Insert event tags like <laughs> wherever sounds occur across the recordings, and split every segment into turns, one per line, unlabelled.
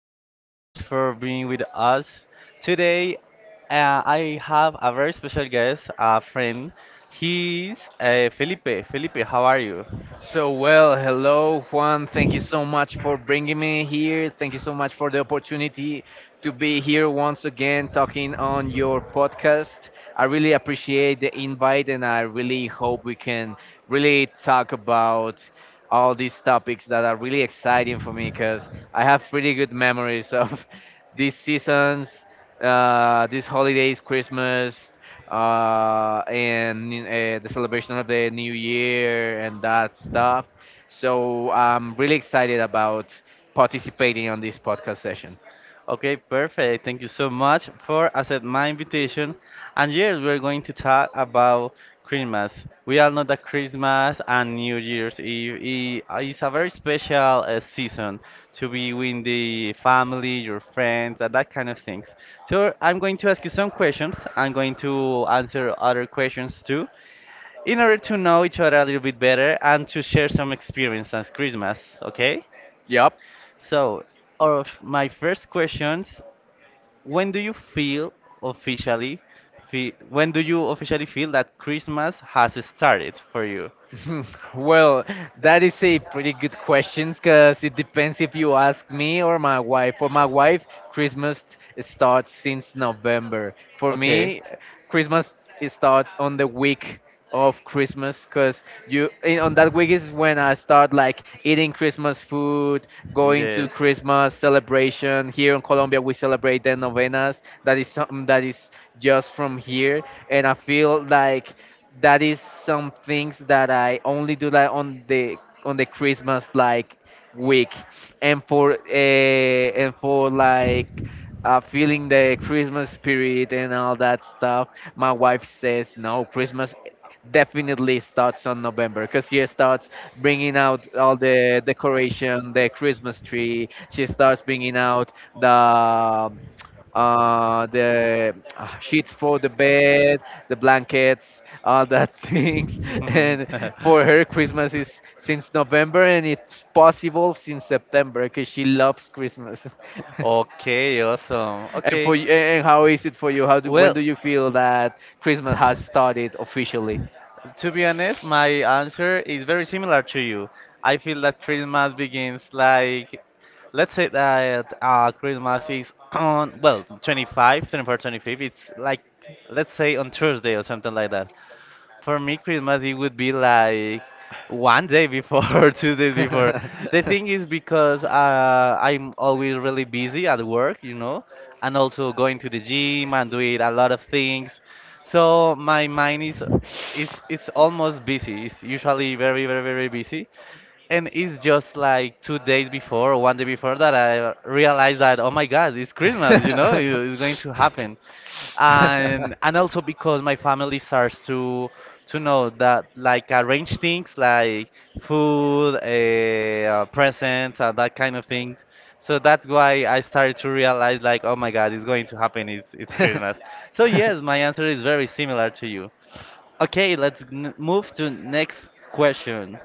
Thank you so much for being with us. Today, I have a very special guest, a friend. He's Felipe. Felipe, how are you?
So, well, hello, Juan. Thank you so much for bringing me here. Thank you so much for the opportunity to be here once again talking on your podcast. I really appreciate the invite and I really hope we can really talk about all these topics that are really exciting for me because I have pretty good memories of <laughs> these seasons these holidays, Christmas, and the celebration of the New Year and that stuff. So I'm really excited about participating on this podcast session.
Okay, perfect. Thank you so much for accepting my invitation. And yes, we're going to talk about Christmas. We all know that Christmas and New Year's Eve is a very special season to be with the family, your friends, and that kind of things. So I'm going to ask you some questions. I'm going to answer other questions too in order to know each other a little bit better and to share some experience on Christmas, okay?
Yep.
So, of my first questions, when do you feel officially, fe when do you officially feel that Christmas has started for you?
<laughs> Well, that is a pretty good question because it depends if you ask me or my wife. For my wife, Christmas starts since November. For
Okay.
me, Christmas it starts on the week of Christmas because on that week is when I start like eating Christmas food, going to Christmas celebration. Here in Colombia, we celebrate the novenas. That is something that is just from here, and I feel like that is some things that I only do like on the Christmas like week, and for like feeling the Christmas spirit and all that stuff. My wife says no, Christmas definitely starts on November because she starts bringing out all the decoration, the Christmas tree. She starts bringing out the sheets for the bed, the blankets, all that <laughs> things.
<laughs>
And for her, Christmas is since November, and it's possible since September because she loves Christmas.
<laughs> Okay, awesome.
<laughs> And
And
for you, and how is it for you? When do you feel that Christmas has started officially?
to be honest, my answer is very similar to you. I feel that Christmas begins like, let's say that Christmas is on, well, 25, 24, 25. It's like, let's say on Thursday or something like that. For me, Christmas, it would be like one day before <laughs> or 2 days
<laughs>
before. The
<laughs>
thing is because I'm always really busy at work, and also going to the gym and doing a lot of things. So my mind is almost busy. It's usually very, very, very busy. And it's just like 2 days before or one day before that I realized that, oh my God, it's
Very, very
Christmas,
busy.
it's going to happen.
<laughs> <laughs>
And
<laughs>
and
<laughs>
also because my family starts to know that like arrange things like food, presents, and that kind of things. So that's why I started to realize like, oh my God, it's going to happen. It's Christmas. So
<laughs>
yes, my answer is very similar to you. Okay, let's move to next question.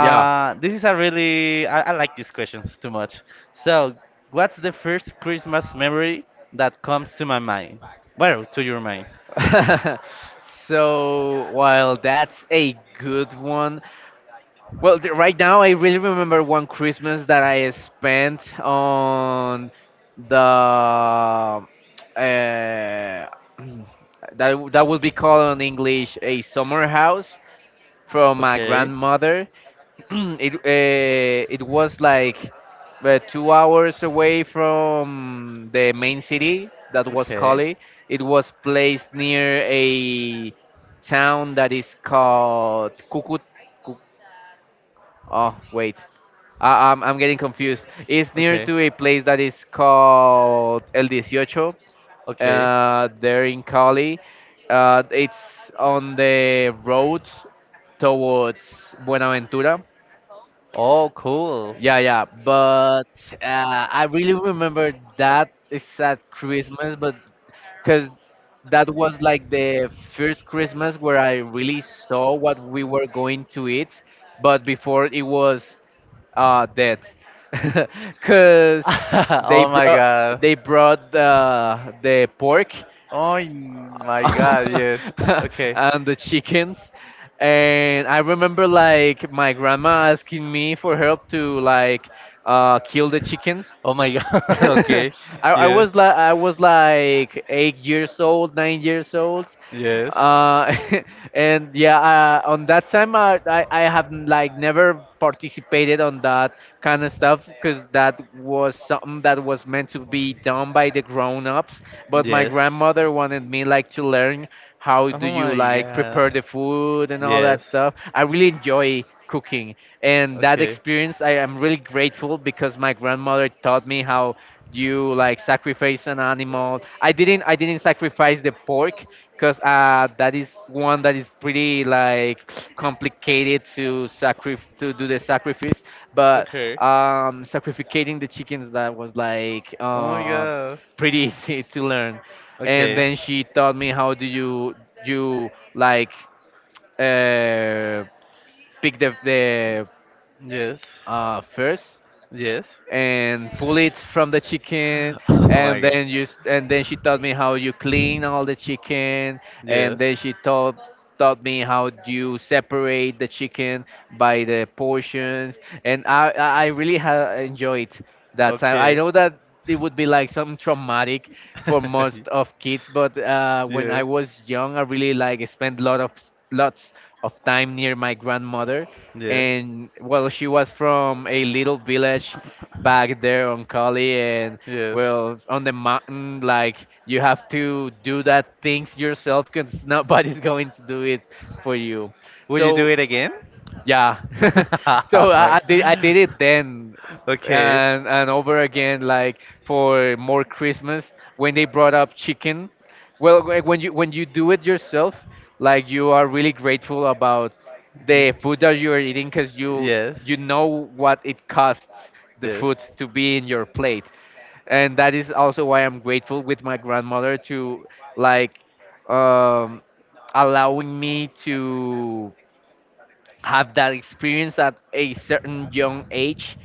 Yeah.
this is a really I like these questions too much. So, what's the first Christmas memory that comes to my mind? Well, to your mind.
<laughs> So while that's a good one, well, right now I really remember one Christmas that I spent on the <clears throat> that would be called in English a summer house from my
Okay.
grandmother. <clears throat> It was like 2 hours away from the main city that was Cali. It was placed near a town that is called Cucut. Oh wait, I'm getting confused. It's near
Okay.
to a place that is called El Dieciocho.
Okay. Okay.
There in Cali. It's on the road towards Buenaventura.
Oh, cool.
Yeah, yeah. But I really remember that it's at Christmas, but because that was like the first Christmas where I really saw what we were going to eat. But before it was that
But <laughs> <laughs>
because
they
<laughs> they
oh my
brought
brought god.
they brought the pork
Oh my.
<laughs> and the
<laughs>
chickens, and I remember like my grandma asking me for help to like kill the chickens.
Oh my. <laughs>
<laughs> I,
I.
I was like 8 years old, 9 years old,
Yes.
uh, <laughs> and yeah, on that time, I have like never participated on that kind of stuff because that was something that was meant to be done by the grown-ups. But my
Yes.
grandmother wanted me like to learn how
Oh
do you
my
like prepare
God.
the food and all
Yes.
that stuff. I really enjoy cooking, and that
Okay.
experience I am really grateful because my grandmother taught me how you like sacrifice an animal. I didn't sacrifice the pork because uh, that is one that is pretty like complicated to sacrifice, to do the sacrifice, but
Okay.
um, sacrificating the chickens, that was like
Oh my
uh,
god.
pretty <laughs> easy to learn. And
Okay.
then she taught me how do you like uh, pick the
Yes.
uh, first
Yes.
and pull it from the chicken.
<laughs> Oh my god.
And then she taught me how you clean all the chicken. And
Yes.
then she taught taught me how you separate the chicken by the portions. And I really enjoyed that time. I
Okay.
know that it would be like some traumatic for most of kids,
<laughs>
but when I
Yes. Yes.
was young, I really
Yes.
like spent lots of time near my grandmother. And well, she was from a little village back there on Cali, and well, on the mountain, like you have to do that things yourself because nobody's <laughs> going to do it for you.
Would you
So
do it again?
yeah.
<laughs> So,
<laughs> So
like, I.
I did it then,
Okay.
and over again like for more christmas when they brought up chicken. Well, when you do it yourself, like you are really grateful about the food that you are eating because you know what it costs the food to be in your plate. And that is also why I'm grateful with my grandmother to like um, allowing me to have that experience at a certain young age,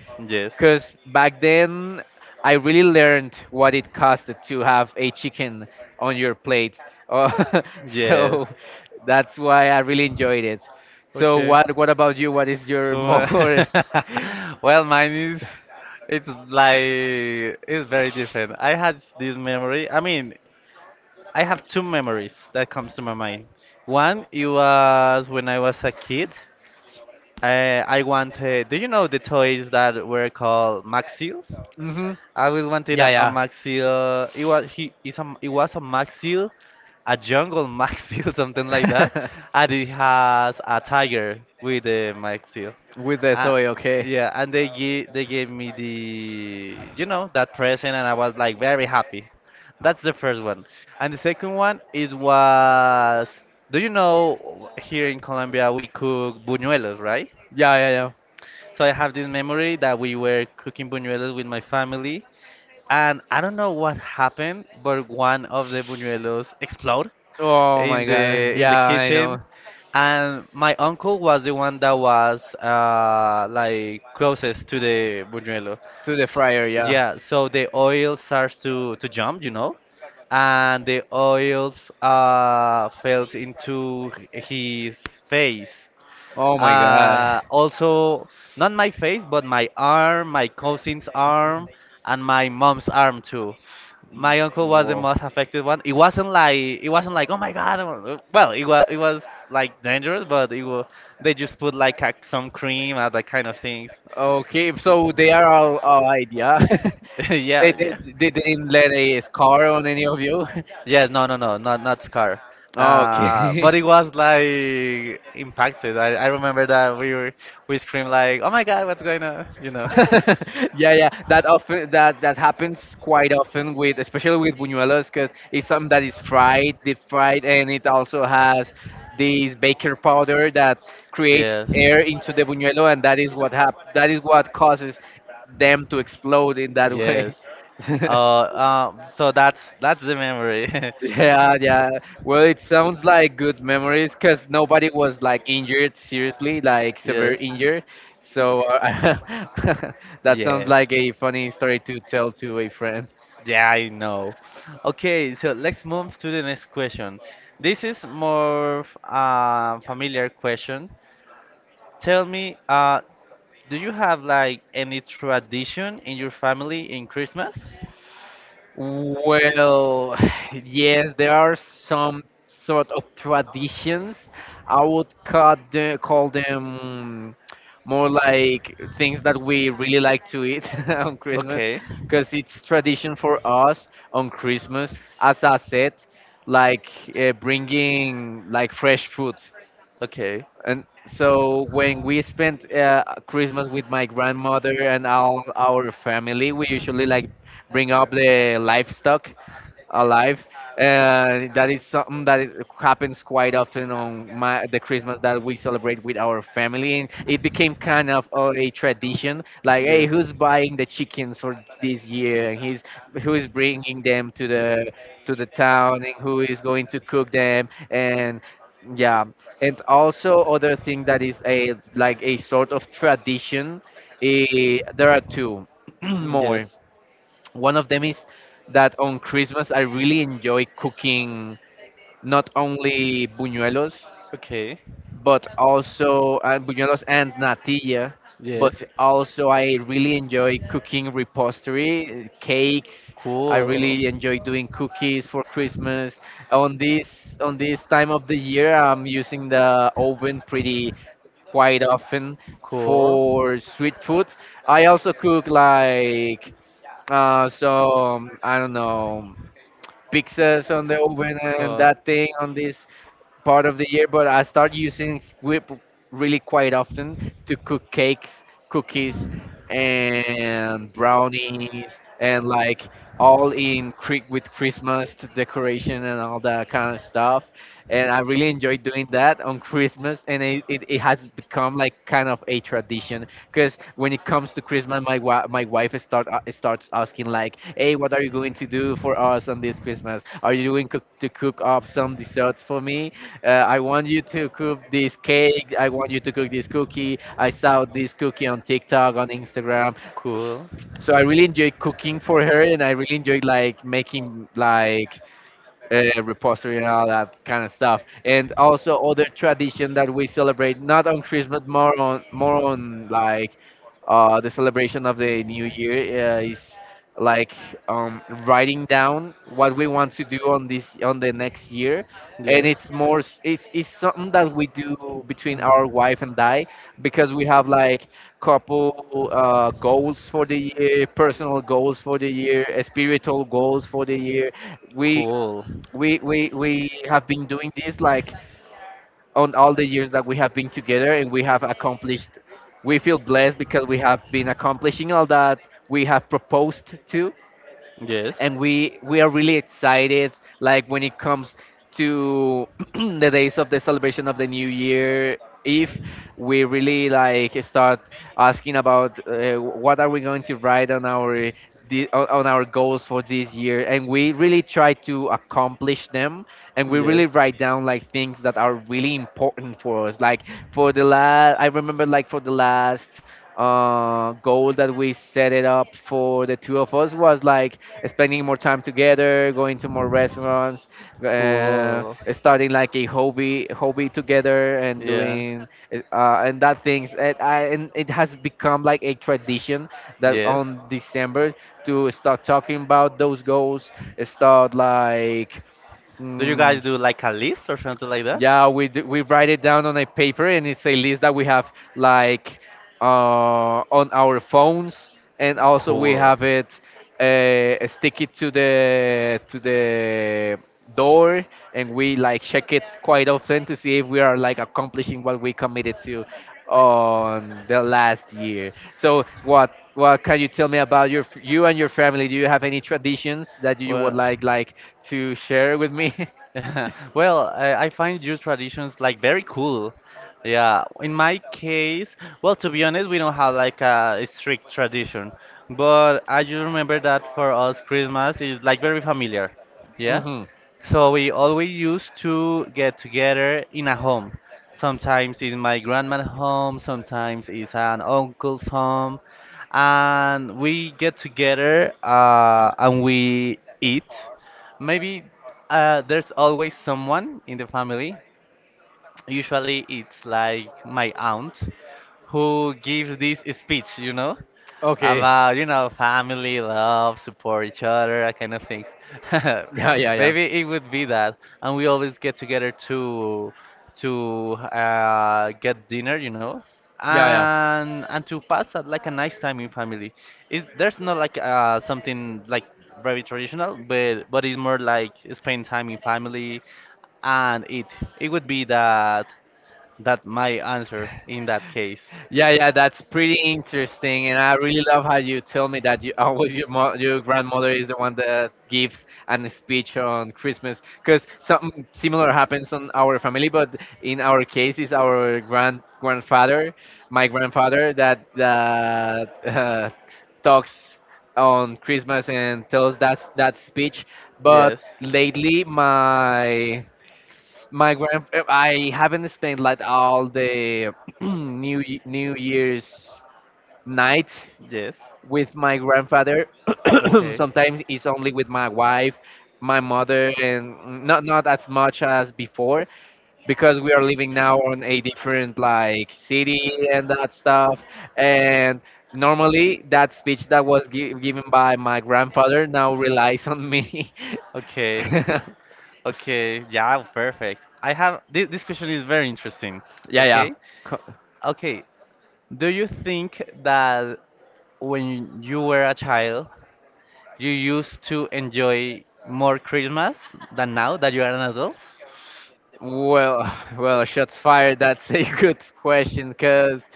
because back then I really learned what it costed to have a chicken on your plate. Uh, <laughs> so that's why I really enjoyed it. So what about you? What is your
Well,
more
<laughs>
<laughs>
well, mine is, it's like, it's very different. I had this memory. I mean, I have two memories that comes to my mind. One, it was when I was a kid. I wanted. Do you know the toys that were called Maxills?
mhm.
I will wanted
Yeah,
a
yeah.
Maxil. It was a Maxil, a jungle Maxil, <laughs> something like that,
<laughs>
and it has a tiger with the Maxil.
With the
Uh,
toy, okay.
yeah, and they gave me the that present, and I was like very happy. That's the first one, and the second one is was. Do you know here in Colombia we cook buñuelos, right?
Yeah, yeah, yeah.
So I have this memory that we were cooking buñuelos with my family, and I don't know what happened, but one of the buñuelos exploded
Oh my
in the
god.
in
Yeah,
the
I
kitchen,
know.
and my uncle was the one that was like closest to the buñuelo.
To the fryer,
S-
yeah.
Yeah, so the oil starts to jump, and the oils falls into his face.
Oh my god.
Also, not my face, but my arm, my cousin's arm, and my mom's arm too. My uncle was the
Whoa.
most affected one. It wasn't like oh my god. Well, it was like dangerous, but it was they just put like some cream and that kind of things.
Okay, so they are all allied, yeah? <laughs>
<laughs> Yeah, yeah.
They didn't let a scar on any of you. <laughs>
Yes, no, no, no, not scar. Uh,
Okay.
but it was like impacted. I remember that we screamed like oh my god, what's going on? You know.
<laughs> Yeah, yeah. That that happens quite often with, especially with buñuelos, because it's
<laughs>
something that is fried, deep fried, and it also has this baker powder that creates air into the buñuelo, and that is that is what causes them to explode in that way.
Yes.
<laughs>
Uh. So that's the memory. <laughs> Yes.
Yeah, yeah. Well, it sounds like good memories because nobody was like injured seriously, like severe injured. So <laughs> that sounds
Yes.
like a funny story to tell to a friend.
Yeah, I know. Okay, so let's move to the next question. This is more familiar question. Tell me, do you have like any tradition in your family in Christmas? <laughs>
Well, <sighs> yes, there are some sort of traditions. I would cut the, call them more like things that we really like to eat <laughs> on Christmas,
Okay,
because it's tradition for us on Christmas, as I said, like bringing like fresh food.
okay.
And so when we spent Christmas with my grandmother and all our family, we usually like bring up the livestock alive. And that is something that it happens quite often on the christmas that we celebrate with our family, and it became kind of a tradition like hey, who's buying the chickens for this year, and he's who is bringing them to the town, and who is going to cook them. And yeah, and also other thing that is a like a sort of tradition, eh, there are two <clears throat>
Mm, yes.
more. One of them is that on Christmas I really enjoy cooking, not only buñuelos,
Okay.
but also buñuelos and natilla,
Yes.
but also I really enjoy cooking repostery, cakes. I
Cool.
really enjoy doing cookies for Christmas. On this time of the year, I'm using the oven pretty quite often
Cool.
for street food. I also cook like I don't know, pizzas on the oven and
Cool.
that thing on this part of the year, but I start using whip really quite often to cook cakes, cookies, and brownies, and like all in with Christmas decoration and all that kind of stuff. And I really enjoy doing that on Christmas, and it has become like kind of a tradition because when it comes to Christmas, my wife is start starts asking like, "Hey, what are you going to do for us on this Christmas? Are you going cook to cook up some desserts for me?" I want you to cook this cake. I want you to cook this cookie. I saw this cookie on TikTok, on Instagram.
Cool.
So I really enjoy cooking for her, and I really enjoy like making like repository and all that kind of stuff. And also other tradition that we celebrate not on Christmas, more on like the celebration of the New Year is like writing down what we want to do on this on the next year. And it's more s- it's something that we do between our wife and I, because we have like couple goals for the year, personal goals for the year, spiritual goals for the year. We have been doing this like on all the years that we have been together, and we have accomplished we feel blessed because we have been accomplishing all that we have proposed to.
Yes.
And we are really excited like when it comes to <clears throat> the days of the celebration of the new year eve. We really like start asking about what are we going to write on our the, on our goals for this year, and we really try to accomplish them. And we really
Yes.
write down like things that are really important for us, like for the last goal that we set it up for the two of us was like spending more time together, going to more restaurants, uh,
Cool.
starting like a hobby together, and
Yeah.
doing and that things. And it has become like a tradition that
Yes.
on December to start talking about those goals, start like.
Do you
Mm,
guys do like a list or something like that?
yeah, we do. We write it down on a paper, and it's a list that we have like uh, on our phones, and also we have it stick it to the door, and we like check it quite often to see if we are like accomplishing what we committed to on the last year. So what can you tell me about your you and your family? Do you have any traditions that you would like to share with me? <laughs>
<laughs> Well, I find your traditions like very cool. Yeah, in my case, well, to be honest, we don't have like a strict tradition, but I do remember that for us, Christmas is like very familiar. Yeah,
hmm
so we always used to get together in a home. Sometimes it's my grandma's home, sometimes it's an uncle's home, and we get together and we eat. Maybe there's always someone in the family. Usually it's like my aunt who gives this speech, you know?
we have Okay.
About family love support each other, that kind of things.
Yeah,
<laughs>
yeah.
Maybe it would be that, and we always get together to get dinner, and to pass like a nice time in family. Is There's not like something like very traditional, but it's more like spend time in family, and it would be that my answer in that case.
Yeah, yeah, that's pretty interesting, and I really love how you tell me that you <laughs> always your your grandmother is the one that gives an speech on Christmas, because something similar happens on our family. But in our case, it's our grandfather, my grandfather, that talks on Christmas and tells that that speech. But lately, I haven't spent like all the <clears throat> New Year's night
Yes. <laughs>
with my grandfather. <clears throat> Sometimes it's only with my wife, my mother, and not as much as before, because we are living now on a different like city and that stuff. And normally that speech that was given by my grandfather now relies on me.
Okay.
<laughs>
Okay. Yeah, perfect. I have this question is very interesting.
Yeah, yeah.
Okay. Do you think that when you were a child, you used to enjoy more Christmas than now that you are an adult?
Well, <laughs> <sighs> well, shots fired. That's a <laughs> good question, cause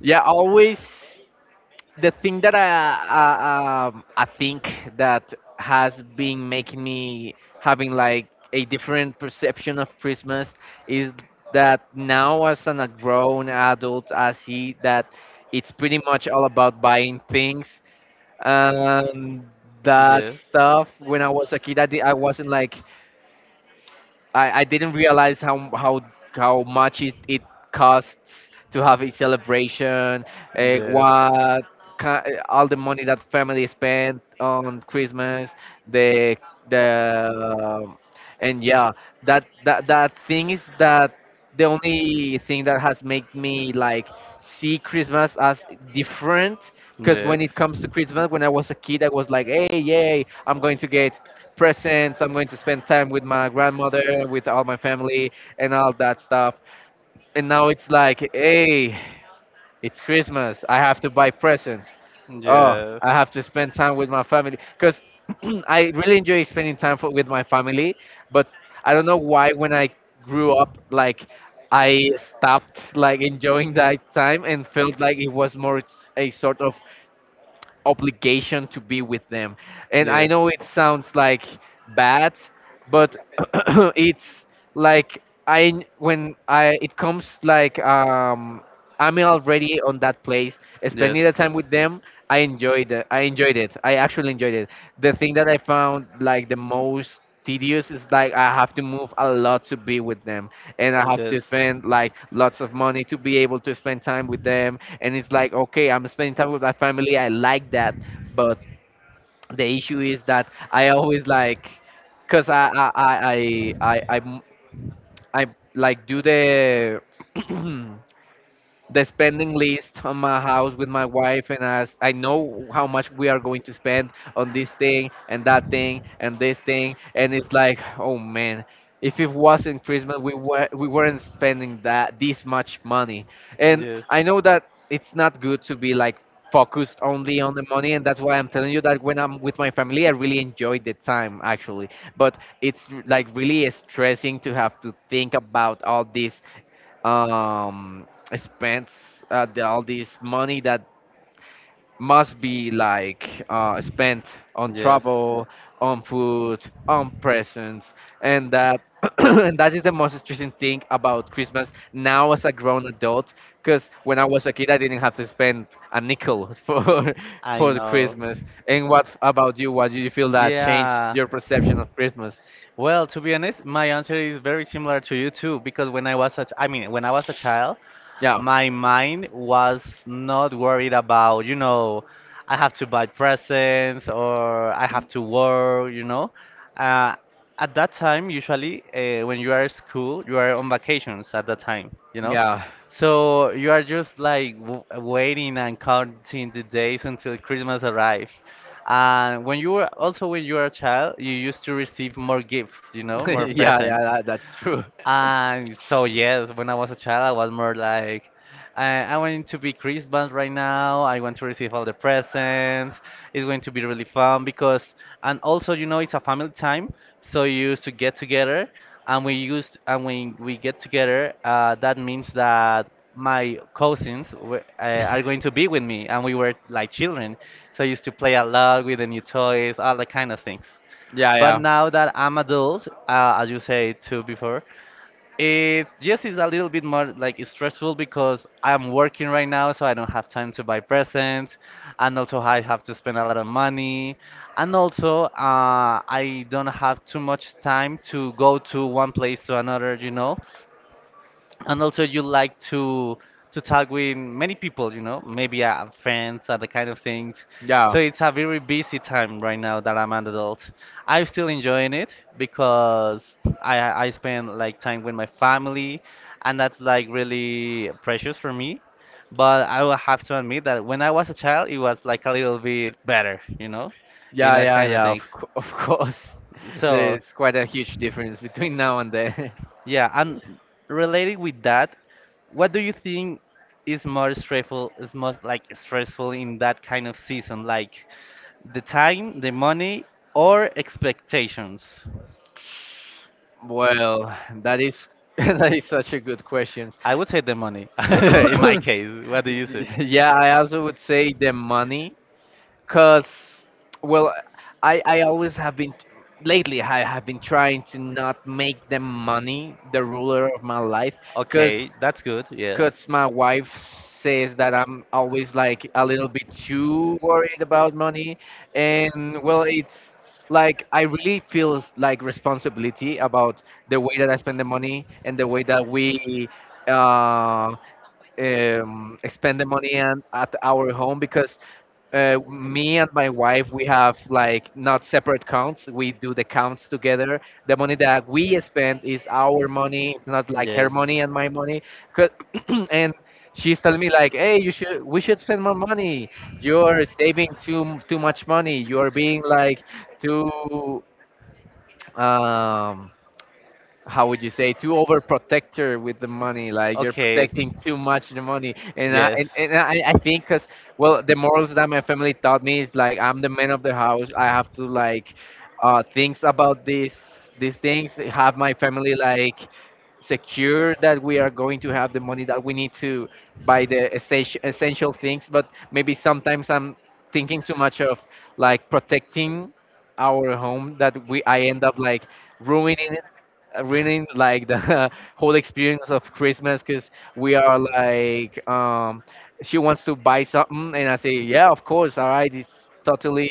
yeah, always the thing that I think that has been making me having like a different perception of Christmas is that now as an a grown adult, I see that it's pretty much all about buying things and that
Yes,
stuff. When I was a kid, I wasn't like I didn't realize how much it costs to have a celebration.
yes.
uh,
Yes.
what all the money that family spent on Christmas, the the and yeah, that that that thing is that the only thing that has made me like see Christmas as different. Because when it comes to Christmas, when I was a kid, I was like, "Hey, yay! I'm going to get presents. I'm going to spend time with my grandmother, with all my family, and all that stuff." And now it's like, hey, it's Christmas. I have to buy presents. Oh, I have to spend time with my family because <clears throat> I really enjoy spending time with my family. But I don't know why when I grew up, like I stopped like enjoying that time and felt like it was more a sort of obligation to be with them. And I
Yes.
know it sounds like bad, but <clears throat> it's like I when I it comes like I'm already on that place,
Yes.
spending the time with them. I enjoyed it. I enjoyed it. I actually enjoyed it. The thing that I found like the most tedious is like I have to move a lot to be with them, and I have
Yes.
to spend like lots of money to be able to spend time with them. And it's like, okay, I'm spending time with my family. I like that,
Yes.
but the issue is that I always like, cause I like do the <clears throat> the spending list on my house with my wife, and as I know how much we are going to spend on this thing and that thing and this thing, and it's like oh man, if it wasn't Christmas we were we weren't spending that this much money. And I know that it's not good to be like focused only on the money, and that's why I'm telling you that when I'm with my family I really enjoy the time actually. But it's like really stressing to have to think about all these um spends, all this money that must be like spent on travel, on food, on presents, and that <clears throat> and that is the most stressing thing about Christmas now as a grown adult. Because when I was a kid, I didn't have to spend a nickel <laughs> for the Christmas. And what about you? What do you feel that changed your perception of Christmas?
Well, to be honest, my answer is very similar to you too, because when I was a ch- I mean, when I was a child,
Yeah,
my mind was not worried about, I have to buy presents or I have to work, Uh, at that time, usually, when you are at school, you are on vacations at that time,
yeah.
So you are just like w waiting and counting the days until Christmas arrives. And when you were a child, you used to receive more gifts,
<laughs>
more
Yeah, yeah,
presents.
that, that's true.
And so yes, when I was a child, I was more like, I want it to be Christmas right now. I want to receive all the presents. It's going to be really fun because, and also it's a family time, so you used to get together, and we used and when we get together, that means that my cousins are going to
<laughs>
be with me, and we were like children, so I used to play a lot with the new toys, all that kind of things.
Yeah,
But
yeah,
now that I'm adult, as you said too before, it just is a little bit more like stressful because I'm working right now, so I don't have time to buy presents, and also I have to spend a lot of money, and also I don't have too much time to go to one place to another, and also you like to talk with many people, maybe friends, other kind of things.
yeah.
So it's a very busy time right now that I'm an adult. I'm still enjoying it because I spend like time with my family, and that's like really precious for me, but I will have to admit that when I was a child, it was like a little bit better, in
Yeah,
that
yeah,
kind of
yeah.
things.
Of course, <laughs>
So
there's quite a huge difference between now and then. <laughs>
yeah, and related with that, what do you think is most like stressful in that kind of season, like the time, the money, or expectations?
Well, that is <laughs> that is such a good question.
I would say the money <laughs> in my
<coughs>
case. What do you say?
Yeah, I also would say the money. Cause, well, I always have been lately I have been trying to not make the money the ruler of my life. Cause,
Okay, that's good. Yes.
cause my wife says that I'm always like a little bit too worried about money, and well, it's like I really feel like responsibility about the way that I spend the money and the way that we uh, spend the money and at our home, because me and my wife, we have like not separate counts. We do the counts together. The money that we spend is our money. It's not like her
Yes.
money and my money. 'Cause <clears throat> and she's telling me like, "Hey, you should. We should spend more money. You're saving too much money. You're being like too um how would you say too overprotector with the money, like you're
Okay.
protecting too much the money. And I think
Yes.
because well the morals that my family taught me is like I'm the man of the house, I have to like things about these things have my family like secure that we are going to have the money that we need to buy the essential things. But maybe sometimes I'm thinking too much of like protecting our home, that we I end up like ruining ruining like the <laughs> whole experience of Christmas, because we are like she wants to buy something and I say yeah of course, all right, it's totally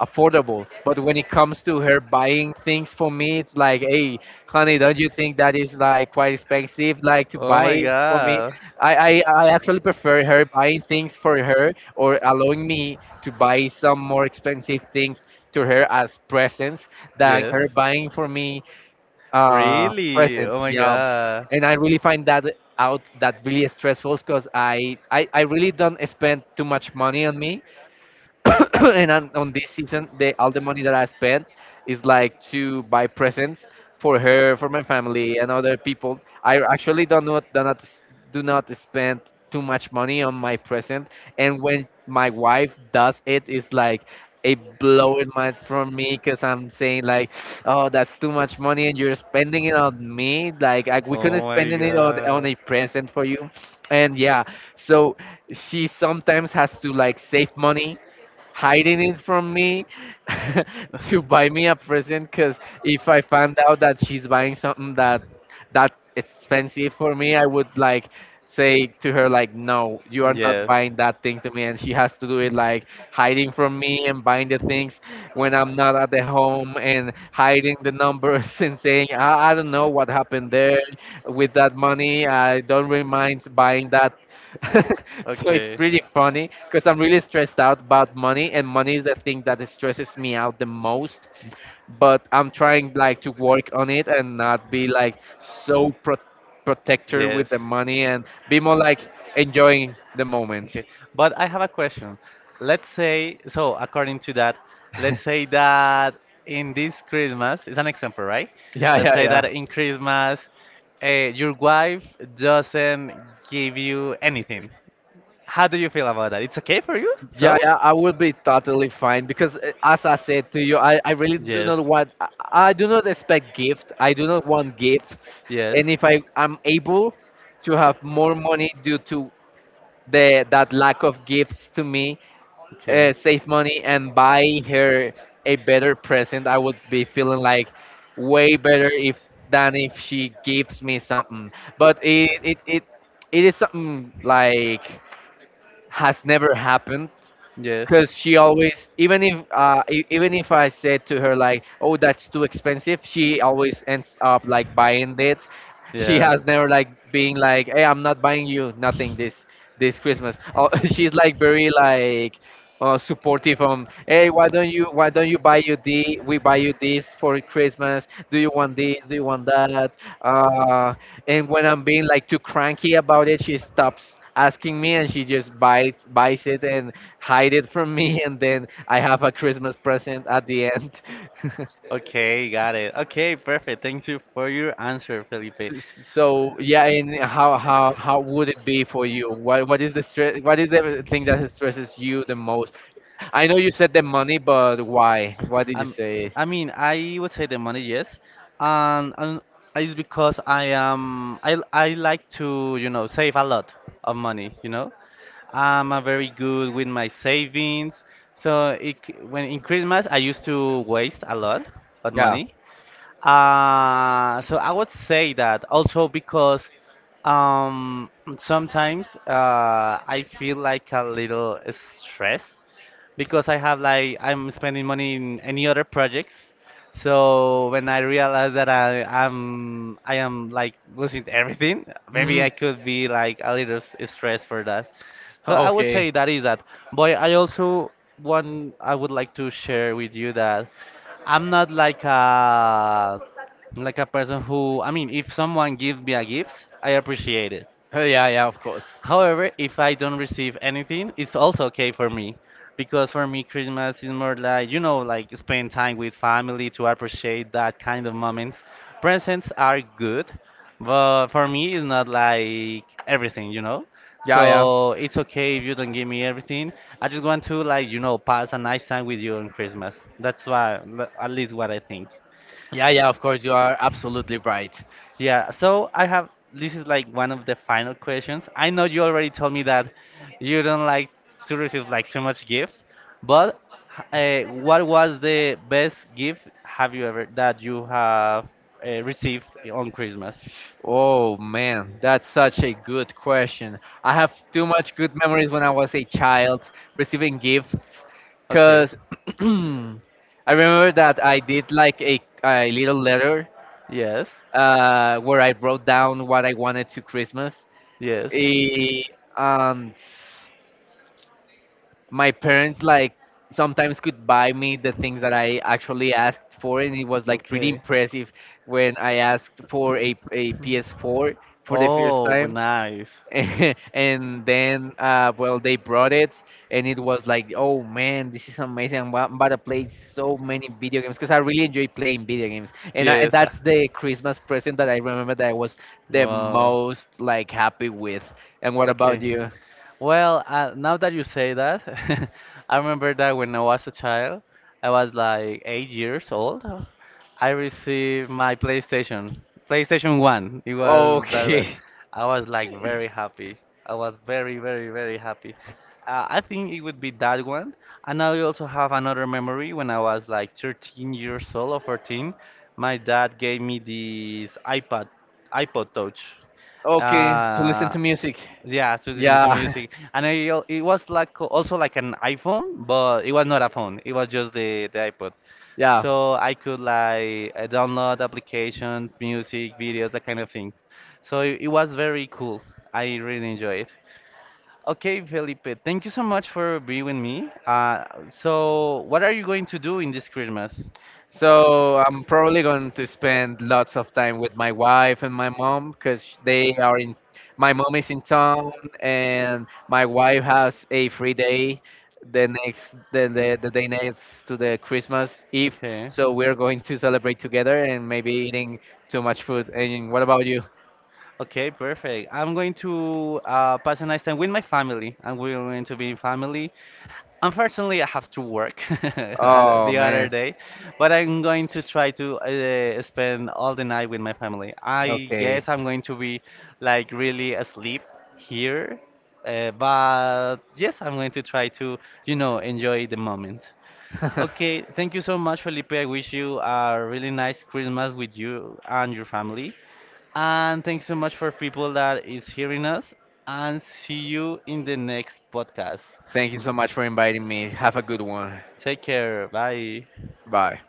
affordable. But when it comes to her buying things for me, it's like hey honey, don't you think that is like quite expensive, like to
Oh my
buy for me?
god.
I actually prefer her buying things for her, or allowing me to buy some more expensive things to her as presents, than
Yes.
her buying for me
Really?
presence.
Oh my
Yeah,
god.
and I really find that really stressful, because I really don't spend too much money on me. <coughs> <clears throat> And on this season, the all the money that I spent is like to buy presents for her, for my family, and other people. I actually do not spend too much money on my present, and when my wife does it, it's like a blow in my from me, because I'm saying like, oh, that's too much money, and you're spending it on me. Like we couldn't
Oh my
spend it on
god.
a present for you, and yeah, so she sometimes has to like save money hiding it from me <laughs> to buy me a present. Because if I
<laughs>
found out that she's buying something that that expensive for me, I would like say to her like no, you are not
Yes.
buying that thing to me. And she has to do it like hiding from me and buying the things when I'm not at the home, and hiding the numbers <laughs> and saying I don't know what happened there with that money. I don't really mind buying that. <laughs> So it's
Okay.
pretty funny, because I'm really stressed out about money, and money is the thing that stresses me out the most. But I'm trying like to work on it and not be like so protector
Yes.
with the money, and be more like enjoying the moment. <laughs>
Okay. But I have a question. Let's say, so according to that, let's say that in this Christmas, it's an example, right? Yeah,
Yeah,
let's say that
yeah,
in Christmas, your wife doesn't give you anything. How do
yeah.
you feel about that? It's okay for you?
Yeah,
So?
yeah, I will be totally fine, because, as I said to you, I really do
Yes.
not want, I do not expect gift. I do not want gifts.
Yes.
And if I am able to have more money due to the that lack of gifts to me,
Okay.
save money and buy her a better present, I would be feeling like way better if than if she gives me something. But it is something like has never happened, because she always, even if even if I said to her like oh that's too expensive, she always ends up like buying
Yes.
it. She
Yeah.
has never like being like hey I'm not buying you nothing this this Christmas. Oh, <laughs> she's like very like supportive on hey why don't you buy you the we buy you this for Christmas, do you want this, do you want that? uh and when I'm being like too cranky about it, she stops asking me and she just buys it and hide it from me <laughs> and then I have a Christmas present at the end. <laughs>
Okay, got it. Okay, perfect. Thank you for your answer, Felipe.
So yeah, and how would it be for you? What is the stress? What is the thing that stresses you the most? I know you said the money, but why? Why did you
Um,
say?
I mean, I would say the money, yes, and it's because I am I like to save a lot of money. I'm a very good with my savings. So when in Christmas I used to waste a lot of
Yeah.
money. So, I would say that also because um, sometimes I feel like a little stressed because I have like I'm spending money in any other projects. So when I realize that I am like losing everything, maybe
Hmm.
I could be like a little stressed for that.
<laughs>
So I would say
Okay.
that is that. But I also want, I would like to share with you that I'm not like a person who, I mean, if someone gives me a gift, I appreciate it.
Oh, yeah, yeah, of course.
However, if I don't receive anything, it's also okay for me because for me, Christmas is more like, like spend time with family to appreciate that kind of moments. Presents are good, but for me, it's not like everything, you know?
Yeah, yeah.
So it's okay if you don't give me everything. I just want to, like, pass a nice time with you on Christmas. That's why, at least what I think.
Yeah, yeah, of course, you are absolutely right.
Yeah, so I have this is like one of the final questions. I know you already told me that you don't like to receive like too much gifts, but what was the best gift have you ever that you have received on Christmas?
Oh man, that's such a good question. I have too much good memories when I was a child receiving gifts,
Okay.
because <clears throat> I remember that I did like a little letter
Yes.
where I wrote down what I wanted to Christmas.
Yes.
Eh, and my parents like sometimes could buy me the things that I actually asked for, and it was like pretty
Okay.
impressive when I asked for a PS4 for the first
Oh,
time.
nice.
<laughs> And then well they brought it and it was like oh man this is amazing, I'm about to play so many video games, because I really enjoy playing video games. And
Yes. uh,
that's the Christmas present that I remember that I was the
Wow.
most like happy with. And what about
Okay.
you?
Well, now that you say that, <laughs> I remember that when I was a child, I was like 8 years old. I received my PlayStation, PlayStation 1. It was that one.
Okay.
I was like very happy. I was very, very, very happy. I think it would be that one. And I also have another memory when I was like 13 years old or 14. My dad gave me this iPad, iPod Touch.
Okay, to listen
Uh,
to music.
yeah, to listen to
Yeah.
music. And it was like also like an iPhone, but it was not a phone. It was just the iPod.
<laughs> Yeah.
So I could like download applications, music, videos, that kind of things. So it was very cool. I really enjoy it. Okay, Felipe, thank you so much for being with me. So, what are you going to do in this Christmas?
So I'm probably going to spend lots of time with my wife and my mom, because they are in. My mom is in town, and my wife has a free day the day next to the Christmas Eve.
Okay.
So we're going to celebrate together and maybe eating too much food. And what about you?
Okay, perfect. I'm going to pass a nice time with my family, and we're going to be in family. Unfortunately, I have to work <laughs>
Oh
the other
man.
day, but I'm going to try to spend all the night with my family. I
Okay.
guess I'm going to be like really asleep here, but yes, I'm going to try to, enjoy the moment.
<laughs>
Okay, thank you so much, Felipe. I wish you a really nice Christmas with you and your family. And thanks so much for people that is hearing us. And see you in the next podcast.
Thank you so much for inviting me. Have a good one.
Take care. Bye.
Bye.